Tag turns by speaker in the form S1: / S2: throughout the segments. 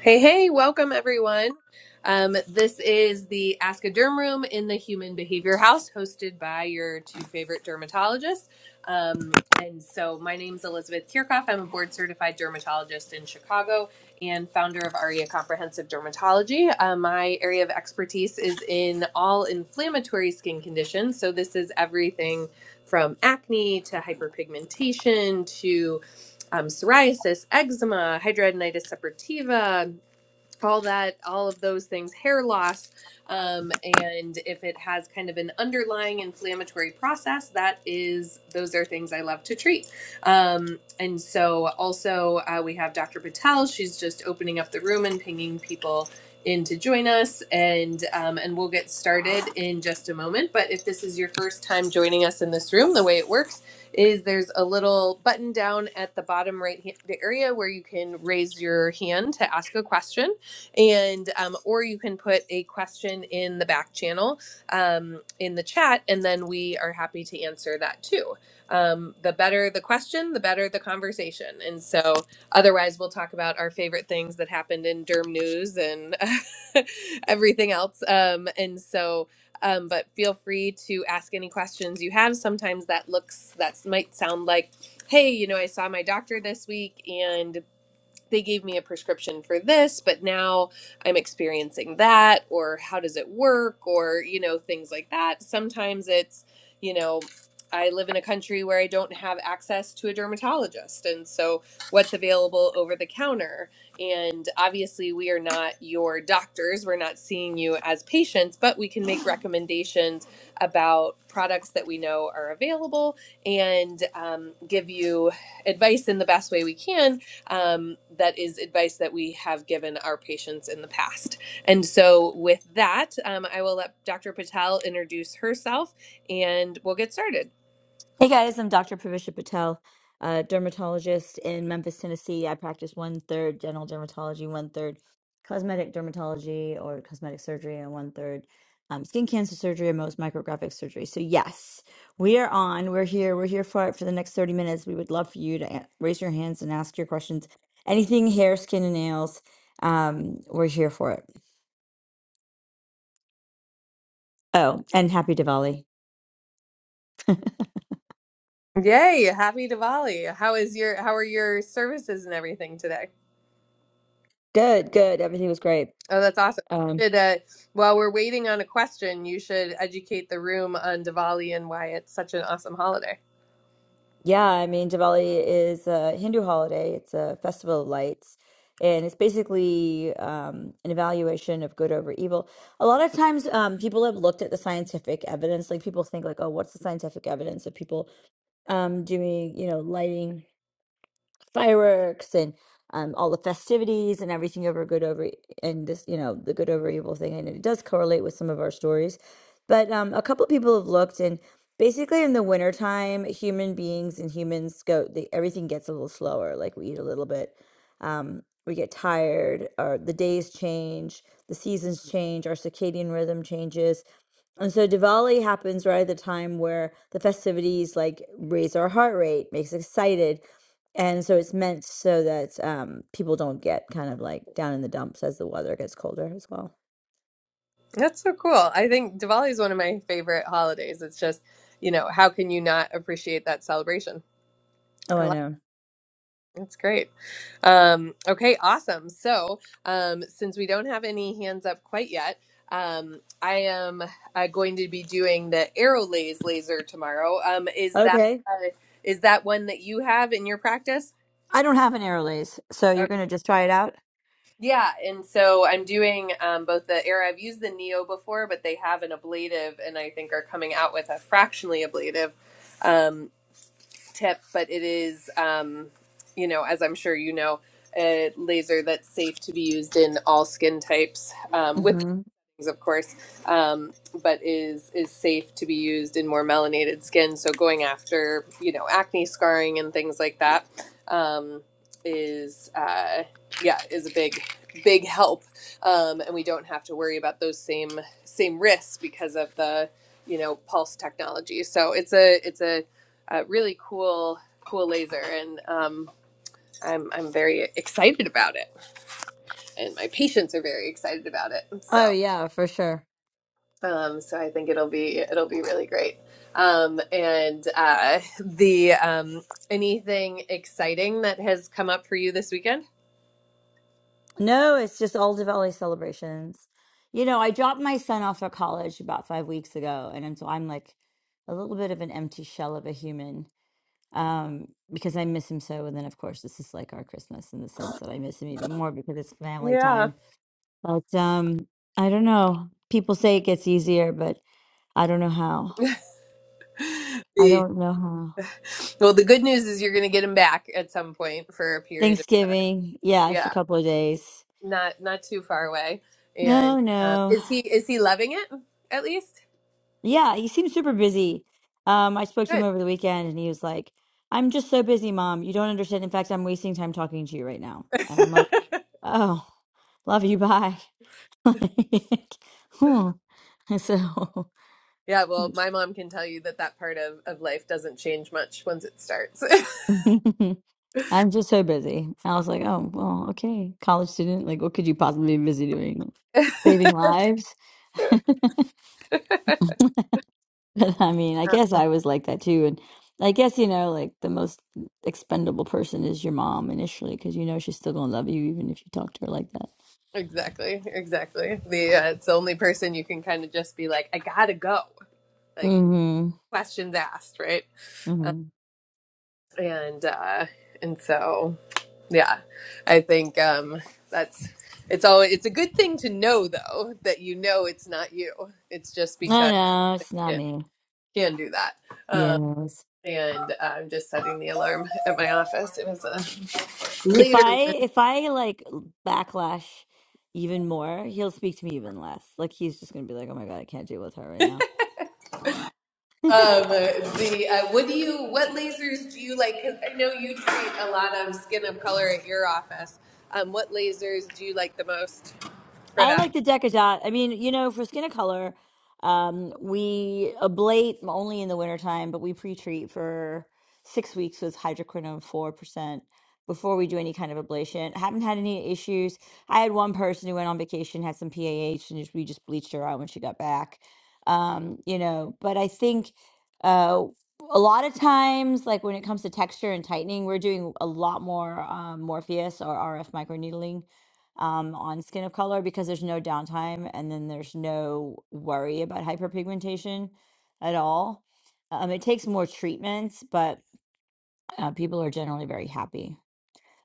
S1: Hey, hey, welcome everyone. Um, this is the Ask a Derm Room in the Human Behavior House, hosted by your two favorite dermatologists. Um, and so, my name is Elizabeth Kirchhoff. I'm a board certified dermatologist in Chicago and founder of ARIA Comprehensive Dermatology. Uh, my area of expertise is in all inflammatory skin conditions. So, this is everything from acne to hyperpigmentation to um, psoriasis, eczema, hidradenitis suppurativa, all that, all of those things, hair loss, um, and if it has kind of an underlying inflammatory process, that is, those are things I love to treat. Um, and so also uh, we have Dr. Patel. She's just opening up the room and pinging people in to join us, and um, and we'll get started in just a moment. But if this is your first time joining us in this room, the way it works is there's a little button down at the bottom right hand the area where you can raise your hand to ask a question and um, or you can put a question in the back channel um, in the chat and then we are happy to answer that too um, the better the question the better the conversation and so otherwise we'll talk about our favorite things that happened in derm news and everything else um, and so um, but feel free to ask any questions you have sometimes that looks that might sound like hey you know i saw my doctor this week and they gave me a prescription for this, but now I'm experiencing that, or how does it work, or, you know, things like that. Sometimes it's, you know, I live in a country where I don't have access to a dermatologist. And so, what's available over the counter? And obviously, we are not your doctors. We're not seeing you as patients, but we can make recommendations about products that we know are available and um, give you advice in the best way we can um, that is advice that we have given our patients in the past. And so, with that, um, I will let Dr. Patel introduce herself, and we'll get started.
S2: Hey guys, I'm Dr. Pravisha Patel, a dermatologist in Memphis, Tennessee. I practice one third general dermatology, one third cosmetic dermatology or cosmetic surgery, and one third um, skin cancer surgery and most micrographic surgery. So yes, we are on. We're here. We're here for it for the next 30 minutes. We would love for you to a- raise your hands and ask your questions. Anything hair, skin, and nails. Um, we're here for it. Oh, and happy Diwali.
S1: Yay! Happy Diwali! How is your How are your services and everything today?
S2: Good, good. Everything was great.
S1: Oh, that's awesome.
S2: Um,
S1: Should, uh, while we're waiting on a question, you should educate the room on Diwali and why it's such an awesome holiday.
S2: Yeah, I mean, Diwali is a Hindu holiday. It's a festival of lights, and it's basically um, an evaluation of good over evil. A lot of times, um, people have looked at the scientific evidence. Like people think, like, oh, what's the scientific evidence of people um, doing, you know, lighting? fireworks and um, all the festivities and everything over good over and this you know the good over evil thing and it does correlate with some of our stories but um, a couple people have looked and basically in the wintertime human beings and humans go the, everything gets a little slower like we eat a little bit um, we get tired or the days change the seasons change our circadian rhythm changes and so Diwali happens right at the time where the festivities like raise our heart rate, makes us excited. And so it's meant so that um, people don't get kind of like down in the dumps as the weather gets colder as well.
S1: That's so cool. I think Diwali is one of my favorite holidays. It's just, you know, how can you not appreciate that celebration?
S2: Oh,
S1: I
S2: I
S1: like
S2: know.
S1: That's great. Um, okay, awesome. So, um, since we don't have any hands up quite yet, um, I am uh, going to be doing the arrow laser tomorrow. Um, is that
S2: Okay.
S1: uh, is that one that you have in your practice?
S2: I don't have an Airlays, so
S1: Okay.
S2: you're going to just try it out?
S1: Yeah, and so I'm doing um, both the arrow. I've used the neo before, but they have an ablative, and I think are coming out with a fractionally ablative. Um, tip, but it is, um, you know, as I'm sure you know, a laser that's safe to be used in all skin types um, with
S2: hmm
S1: of course, um, but is is safe to be used in more melanated skin. So going after you know acne scarring and things like that um, is uh, yeah is a big big help, um, and we don't have to worry about those same same risks because of the you know pulse technology. So it's a it's a, a really cool cool laser and um, I'm, I'm very excited about it and my patients are very excited about it so
S2: Oh, yeah, for sure.
S1: um, so I think it'll be it'll be really great. Um, and uh, the um, anything exciting that has come up for you this weekend?
S2: No, it's just all Diwali celebrations. You know, I dropped my son off at college about five weeks ago, and I'm- so I'm like a little bit of an empty shell of a human um, because I miss him so. And then, of course, this is like our Christmas in the sense that I miss him even more because it's family
S1: Yeah.
S2: time. But um, I don't know. People say it gets easier, but I don't know how. I
S1: The,
S2: don't know how.
S1: well, the good news is you're going to get him back at some point for a period of time.
S2: Thanksgiving, yeah, for a
S1: Yeah,
S2: couple of days.
S1: not not too far away. And
S2: No,
S1: um,
S2: no.
S1: is he is he loving it at least?
S2: Yeah, he seems super busy. Um, I spoke to him
S1: Good.
S2: over the weekend and he was like, I'm just so busy, mom. You don't understand. In fact, I'm wasting time talking to you right now. And I'm like, oh, love you. Bye. like, hmm. So
S1: yeah. Well, my mom can tell you that that part of of life doesn't change much once it starts.
S2: I'm just so busy. I was like, oh, well, okay. College student, like, what could you possibly be busy doing? Saving lives? But I mean, I
S1: Um,
S2: guess I was like that too. And I guess, you know, like the most expendable person is your mom initially because you know she's still going to love you even if you talk to her like that.
S1: Exactly, exactly. The uh, it's the only person you can kind of just be like, I gotta go. Like
S2: Mm
S1: questions asked, right?
S2: hmm. Mm
S1: Uh,
S2: hmm.
S1: and uh, and so yeah, I think um, that's it's all. It's a good thing to know though that you know it's not you. It's just
S2: No,
S1: because
S2: no, it's not
S1: it
S2: me.
S1: can do that. Uh,
S2: Yes.
S1: and I'm just setting the alarm at my office. It was a
S2: If
S1: later
S2: I if I like backlash even more, he'll speak to me even less. Like he's just gonna be like, "Oh my God, I can't deal with her right now."
S1: Um, the uh, what do you what lasers do you like? Because I know you treat a lot of skin of color at your office. Um, what lasers do you like the most for
S2: I
S1: that?
S2: like the Decadot. I mean, you know, for skin of color, um, we ablate only in the wintertime, but we pre-treat for six weeks with hydroquinone 4% before we do any kind of ablation. Haven't had any issues. I had one person who went on vacation, had some PAH, and just, we just bleached her out when she got back. Um, you know, but I think uh, a lot of times, like when it comes to texture and tightening, we're doing a lot more um, Morpheus or RF microneedling um, on skin of color because there's no downtime and then there's no worry about hyperpigmentation at all. Um, it takes more treatments, but uh, people are generally very happy.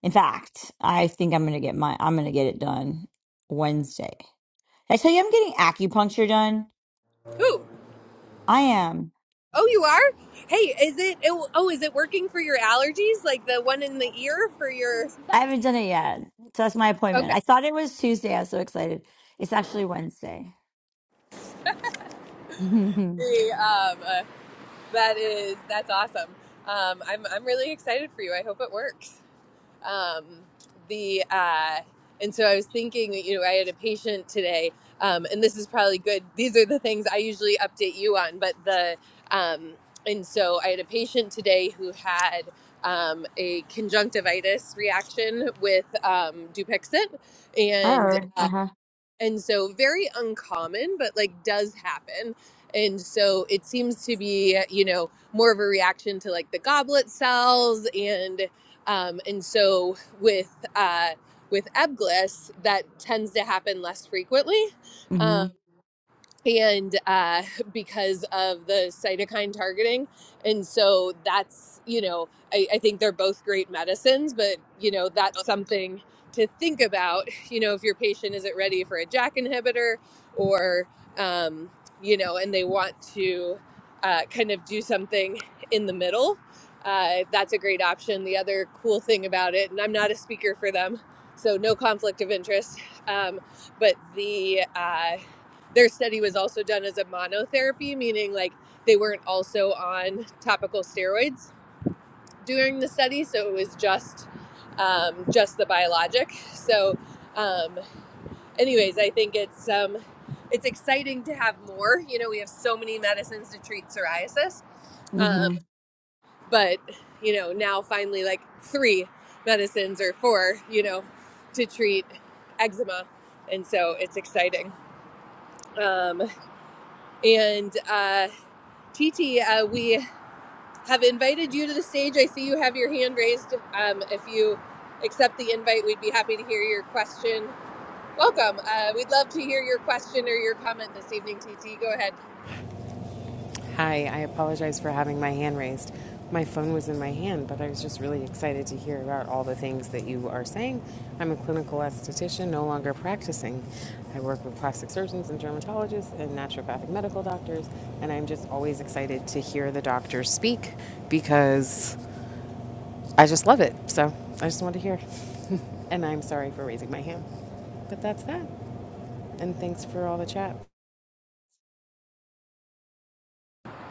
S2: In fact, I think I'm gonna get my I'm gonna get it done Wednesday. Did I tell you I'm getting acupuncture done.
S1: Ooh,
S2: I am.
S1: oh, you are. Hey, is it? Oh, is it working for your allergies? Like the one in the ear for your?
S2: I haven't done it yet, so that's my appointment.
S1: Okay,
S2: I thought it was Tuesday. I was so excited. It's actually Wednesday. I
S1: The, um, uh, that is that's awesome. Um, I'm I'm really excited for you. I hope it works. um, the uh, and so I was thinking, you know, I had a patient today, um, and this is probably good. These are the things I usually update you on, but the um, and so I had a patient today who had um, a conjunctivitis reaction with um, Dupixent, and
S2: heard.
S1: uh,
S2: Uh huh.
S1: and so very uncommon but like does happen and so it seems to be you know more of a reaction to like the goblet cells and um and so with uh with ebglyss that tends to happen less frequently
S2: Mm
S1: Um,
S2: hmm.
S1: and uh, because of the cytokine targeting. And so that's, you know, I, I think they're both great medicines, but, you know, that's something to think about. You know, if your patient isn't ready for a JAK inhibitor or, um, you know, and they want to uh, kind of do something in the middle, uh, that's a great option. The other cool thing about it, and I'm not a speaker for them, so no conflict of interest, um, but the, uh, their study was also done as a monotherapy, meaning like they weren't also on topical steroids during the study, so it was just um, just the biologic. So, um, anyways, I think it's um, it's exciting to have more. You know, we have so many medicines to treat psoriasis,
S2: Mm
S1: um,
S2: hmm.
S1: but you know now finally like three medicines or four, you know, to treat eczema, and so it's exciting. Um, and uh, Titi, uh, we have invited you to the stage. I see you have your hand raised. Um, if you accept the invite, we'd be happy to hear your question. Welcome. Uh, we'd love to hear your question or your comment this evening, Titi. Go ahead.
S3: Hi, I apologize for having my hand raised. My phone was in my hand, but I was just really excited to hear about all the things that you are saying. I'm a clinical esthetician, no longer practicing. I work with plastic surgeons and dermatologists and naturopathic medical doctors, and I'm just always excited to hear the doctors speak because I just love it. So I just want to hear. and I'm sorry for raising my hand. But that's that. And thanks for all the chat.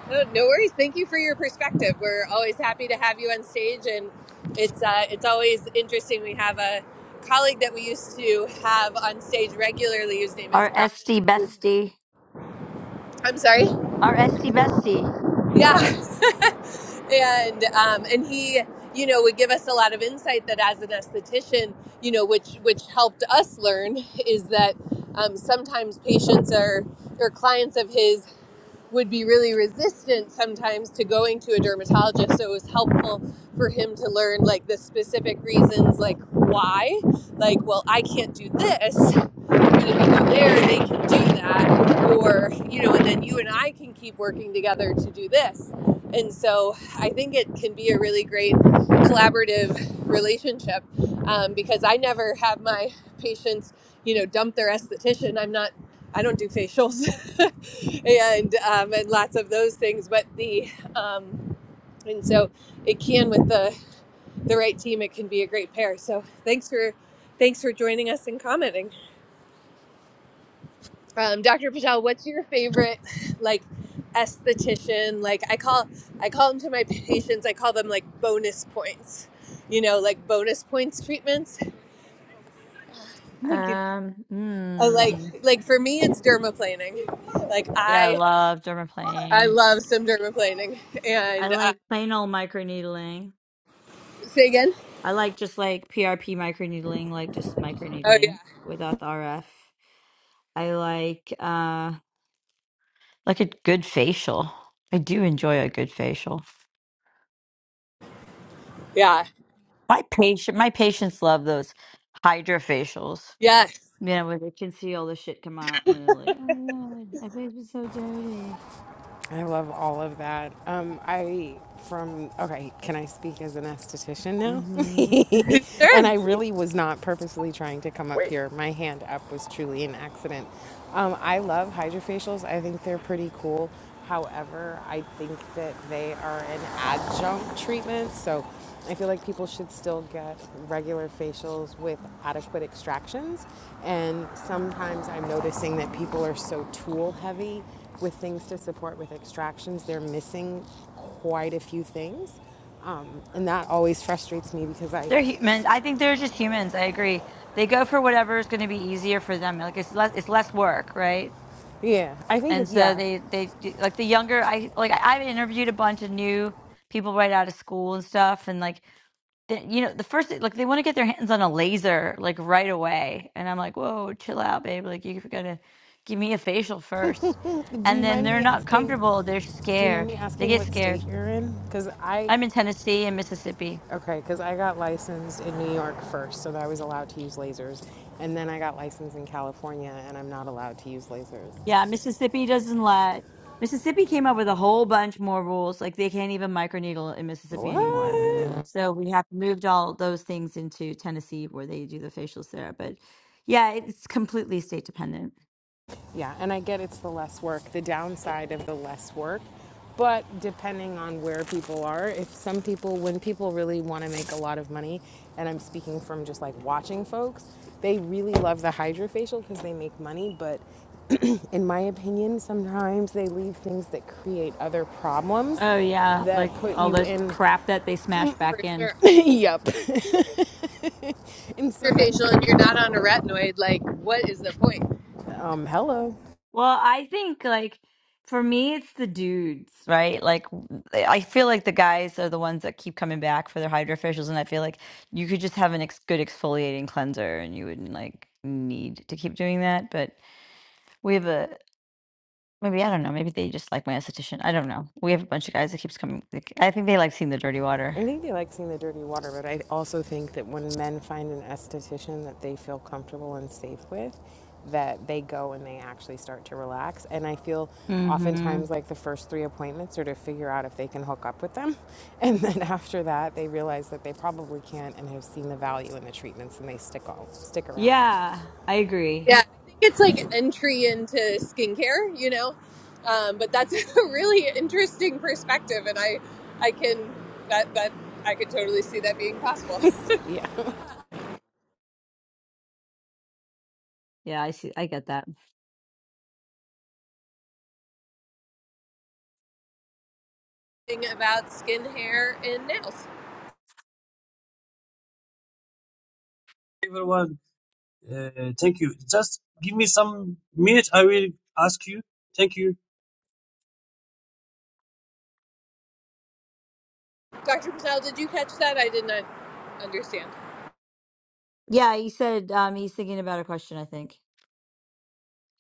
S1: No, no worries. Thank you for your perspective. We're always happy to have you on stage, and it's uh, it's always interesting. We have a colleague that we used to have on stage regularly, whose name is
S2: Our
S1: Brian.
S2: bestie.
S1: I'm sorry.
S2: Our Esty Bestie.
S1: Yeah, and um, and he you know would give us a lot of insight that as an esthetician you know which which helped us learn is that um, sometimes patients or or clients of his would be really resistant sometimes to going to a dermatologist so it was helpful for him to learn like the specific reasons like why like well i can't do this the people there they can do that or you know and then you and i can keep working together to do this and so i think it can be a really great collaborative relationship um, because i never have my patients you know dump their esthetician i'm not i don't do facials and um, and lots of those things but the um, and so it can with the the right team it can be a great pair so thanks for thanks for joining us and commenting um, Dr. Patel, what's your favorite like esthetician? Like I call I call them to my patients, I call them like bonus points. You know, like bonus points treatments. Thank you.
S2: Um,
S1: I like
S2: mm,
S1: like for me it's dermaplaning. Like
S2: yeah, I
S1: I
S2: love
S1: I
S2: dermaplaning.
S1: love some dermaplaning.
S2: I
S1: And uh,
S2: like plain old microneedling.
S1: say again?
S2: I like just like PRP microneedling, like just
S1: Oh
S2: microneedling without the RF. I like uh like a good facial. I do enjoy a good facial.
S1: yeah.
S2: My patient, my patients love those Hydra facials.
S1: Yeah. Yeah.
S2: You know, where they can see all the shit come out, and they're like, "Oh my god, my face was so dirty."
S3: I love all of that. Um, I from okay, can I speak as an esthetician
S2: Mm-hmm.
S3: now? and I
S1: Sure.
S3: really was not purposely trying to come up Wait. here. My hand up was truly an accident. Um, I love hydrofacials. I think they're pretty cool. However, I think that they are an adjunct treatment. So I feel like people should still get regular facials with adequate extractions. And sometimes I'm noticing that people are so tool heavy with things to support with extractions, they're missing quite a few things. Um, and that always frustrates me because I,
S2: They're human. I think they're just humans. I agree. They go for whatever is going to be easier for them. Like it's less, it's less work, right?
S3: yeah, I think it,
S2: And so
S3: yeah.
S2: they, they do- like the younger. I like I- I've interviewed a bunch of new people right out of school and stuff, and like the, you know the first like they want to get their hands on a laser like right away, and I'm like, whoa, chill out, babe. Like you're gonna give me a facial first,
S3: Do
S2: and
S3: you
S2: then
S3: mind
S2: they're
S3: me
S2: not
S3: asking,
S2: comfortable. They're
S3: do you mind
S2: scared.
S3: me
S2: They
S3: asking
S2: get
S3: what state
S2: scared.
S3: you're in? Because I,
S2: I'm in Tennessee and Mississippi.
S3: okay, because I got licensed in New York first, so that I was allowed to use lasers. And then I got licensed in California and I'm not allowed to use lasers.
S2: Yeah, Mississippi doesn't let Mississippi came up with a whole bunch more rules. Like they can't even microneedle in Mississippi anymore. So we have moved all those things into Tennessee where they do the facials there. But yeah, it's completely state dependent.
S3: Yeah, and I get it's the less work, the downside of the less work. But depending on where people are, if some people, when people really want to make a lot of money, and I'm speaking from just like watching folks, they really love the hydrofacial because they make money. But in my opinion, sometimes they leave things that create other problems
S2: Oh yeah,
S3: that
S2: like
S3: put
S2: all
S3: you
S2: this
S3: in.
S2: crap that they smash
S1: For
S2: back in.
S1: sure.
S3: yep. and so
S1: Your
S3: then,
S1: facial and you're not on a retinoid, like what is the point?
S3: um, hello.
S2: Well, I think like for me, it's the dudes, right? Like w- eh, I feel like the guys are the ones that keep coming back for their hydrofacials, and I feel like you could just have an ex good exfoliating cleanser, and you wouldn't like need to keep doing that. But we have a maybe I don't know. Maybe they just like my esthetician. I don't know. We have a bunch of guys that keeps coming. like, I think they like seeing the dirty water.
S3: I think they like seeing the dirty water, but I also think that when men find an esthetician that they feel comfortable and safe with, that they go and they actually start to relax. And I feel
S2: Mm-hmm.
S3: oftentimes like the first three appointments are to figure out if they can hook up with them. And then after that, they realize that they probably can't and have seen the value in the treatments and they stick all, stick around.
S2: Yeah, I
S1: Yeah,
S2: agree.
S1: I think it's like entry into skincare, you know. Um, but that's a really interesting perspective, and I, I can that that I could totally see that being possible.
S3: Yeah.
S2: Yeah, I see. I get that.
S1: Thing about skin, hair, and nails.
S4: everyone. Uh, thank you. Just give me some minute. I will ask you. Thank you.
S1: Dr. Patel, did you catch that? I did not understand.
S2: Yeah, he said um, he's thinking about a question. I think.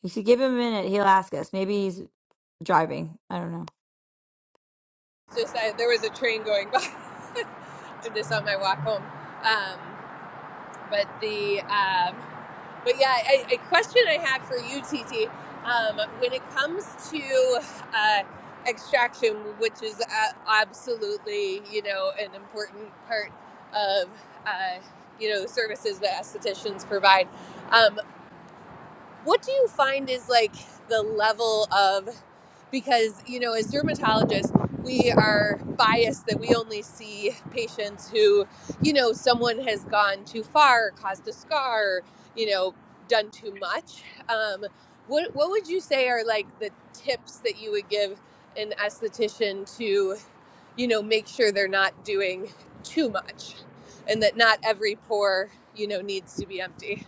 S2: You should give him a minute. He'll ask us. Maybe he's driving. I don't know.
S1: Just I, there was a train going by. I this on my walk home. Um, but the um, But yeah, a, a question I have for you, TT, um, when it comes to uh, extraction, which is a- absolutely you know an important part of uh, you know the services that estheticians provide, Um, what do you find is like the level of because you know as dermatologists we are biased that we only see patients who you know someone has gone too far caused a scar you know done too much um, what, what would you say are like the tips that you would give an esthetician to you know make sure they're not doing too much and that not every pore you know needs to be empty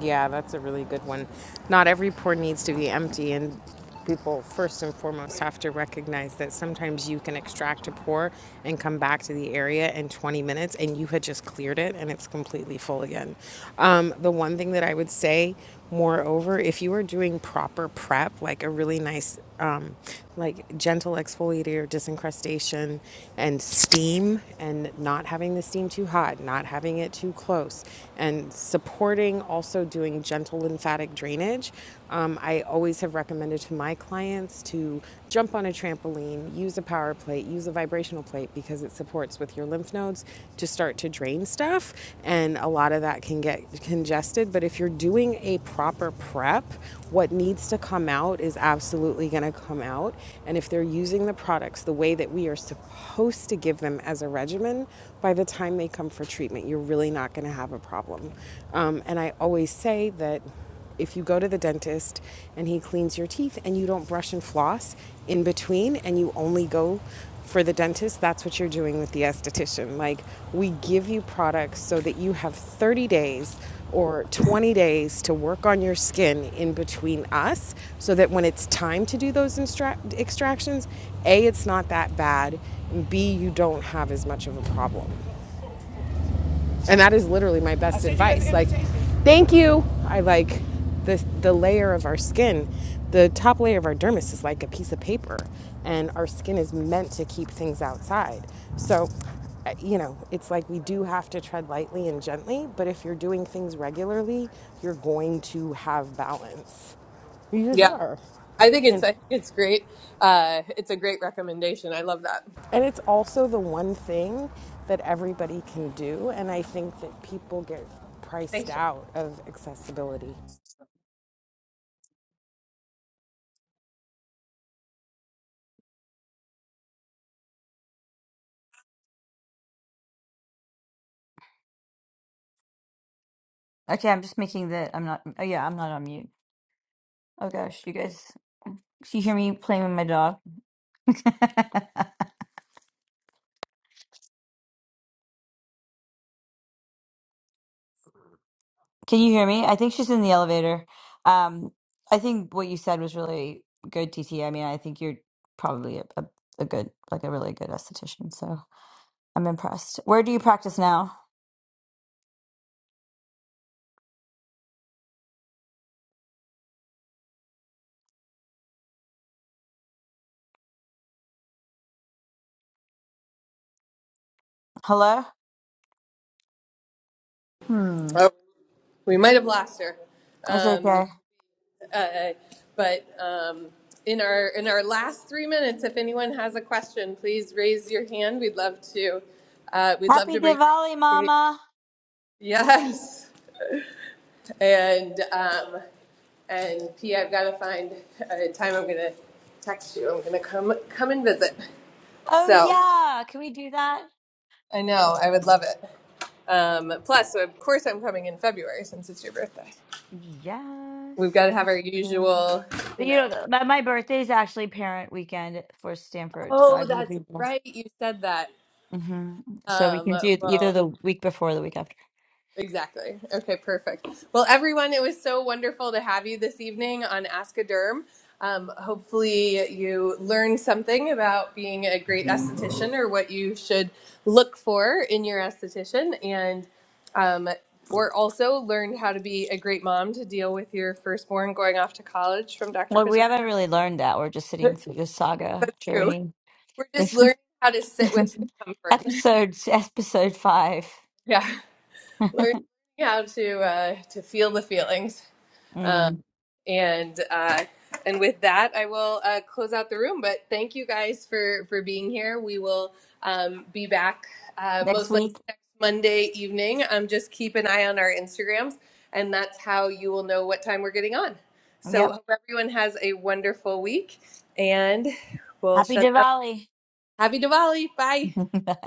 S3: Yeah, that's a really good one. Not every pour needs to be empty, and people first and foremost have to recognize that sometimes you can extract a pour and come back to the area in 20 minutes and you had just cleared it and it's completely full again. Um, the one thing that I would say, moreover, if you are doing proper prep, like a really nice, um, like gentle exfoliator, disincrustation, and steam, and not having the steam too hot, not having it too close, and on supporting also doing gentle lymphatic drainage. Um, I always have recommended to my clients to jump on a trampoline, use a power plate, use a vibrational plate because it supports with your lymph nodes to start to drain stuff. And a lot of that can get congested. But if you're doing a proper prep, what needs to come out is absolutely going to come out. And if they're using the products the way that we are supposed to give them as a regimen, by the time they come for treatment, you you're really not going to have a problem. Um, and I always say that if you go to the dentist and he cleans your teeth and you don't brush and floss in between and you only go for the dentist, that's what you're doing with the esthetician. Like, we give you products so that you have 30 days or 20 days to work on your skin in between us so that when it's time to do those instra- extractions, A, it's not that bad, and B, you don't have as much of a problem. And that is literally my best advice. Like, thank you. I like the the layer of our skin. The top layer of our dermis is like a piece of paper, and our skin is meant to keep things outside. So, uh, you know, it's like we do have to tread lightly and gently. But if you're doing things regularly, you're going to have balance. You just
S1: Yeah.
S3: are.
S1: I think it's
S3: And
S1: I think it's great. Uh, it's a great recommendation. I love that.
S3: And it's also the one thing that everybody can do. And I think that people get priced
S1: Thanks, John.
S3: out of accessibility.
S2: Okay, I'm just making that. I'm not. Oh yeah, I'm not on mute. Oh gosh, you guys. Can you hear me playing with my dog? Can you hear me? I think she's in the elevator. Um, I think what you said was really good, TT. I mean, I think you're probably a, a, a good, like a really good esthetician. So I'm impressed. Where do you practice now? Hello. Hmm.
S1: Oh, we might have lost her,
S2: It's
S1: um,
S2: okay.
S1: uh, but um, in our in our last three minutes, if anyone has a question, please raise your hand. We'd love to uh, we'd love to
S2: Happy
S1: bring you
S2: Diwali,
S1: to the stage.
S2: Mama.
S1: Yes, and um, and P, I've got to find a time. I'm gonna text you. I'm gonna come come and visit.
S2: Oh
S1: So.
S2: yeah. Can we do that?
S1: I know. I would love it. Um, plus, so of course, I'm coming in February since it's your birthday.
S2: Yes,
S1: We've got to have
S2: come
S1: our
S2: on.
S1: usual,
S2: But
S1: you
S2: you
S1: know.
S2: know, my, my birthday is actually parent weekend for Stanford, so I
S1: Oh,
S2: will
S1: that's
S2: be.
S1: right. You said that.
S2: hmm So we
S1: Um,
S2: can do it either
S1: well,
S2: the week before or the week after.
S1: Exactly. Okay, perfect. Well, everyone, it was so wonderful to have you this evening on Ask a Derm. Um, hopefully, you learned something about being a great esthetician or what you should look for in your esthetician, and um, or also learned how to be a great mom to deal with your firstborn going off to college from Dr.
S2: Well, we
S1: Patel.
S2: haven't really learned that. We're just sitting through this saga
S1: That's true.
S2: journey.
S1: We're just
S2: This is
S1: learning how to sit
S2: this is
S1: with discomfort.
S2: episode episode five.
S1: Yeah, learning how to uh, to feel the feelings. Um,
S2: Mm.
S1: And uh, and with that, I will uh, close out the room. But thank you guys for for being here. We will um, be back uh,
S2: Next
S1: most likely
S2: week.
S1: next Monday evening. Um, just keep an eye on our Instagrams, and that's how you will know what time we're getting on. So
S2: Yep.
S1: hope everyone has a wonderful week, and we'll
S2: Happy
S1: shut up.
S2: Diwali.
S1: Happy Diwali! Bye.
S2: Bye.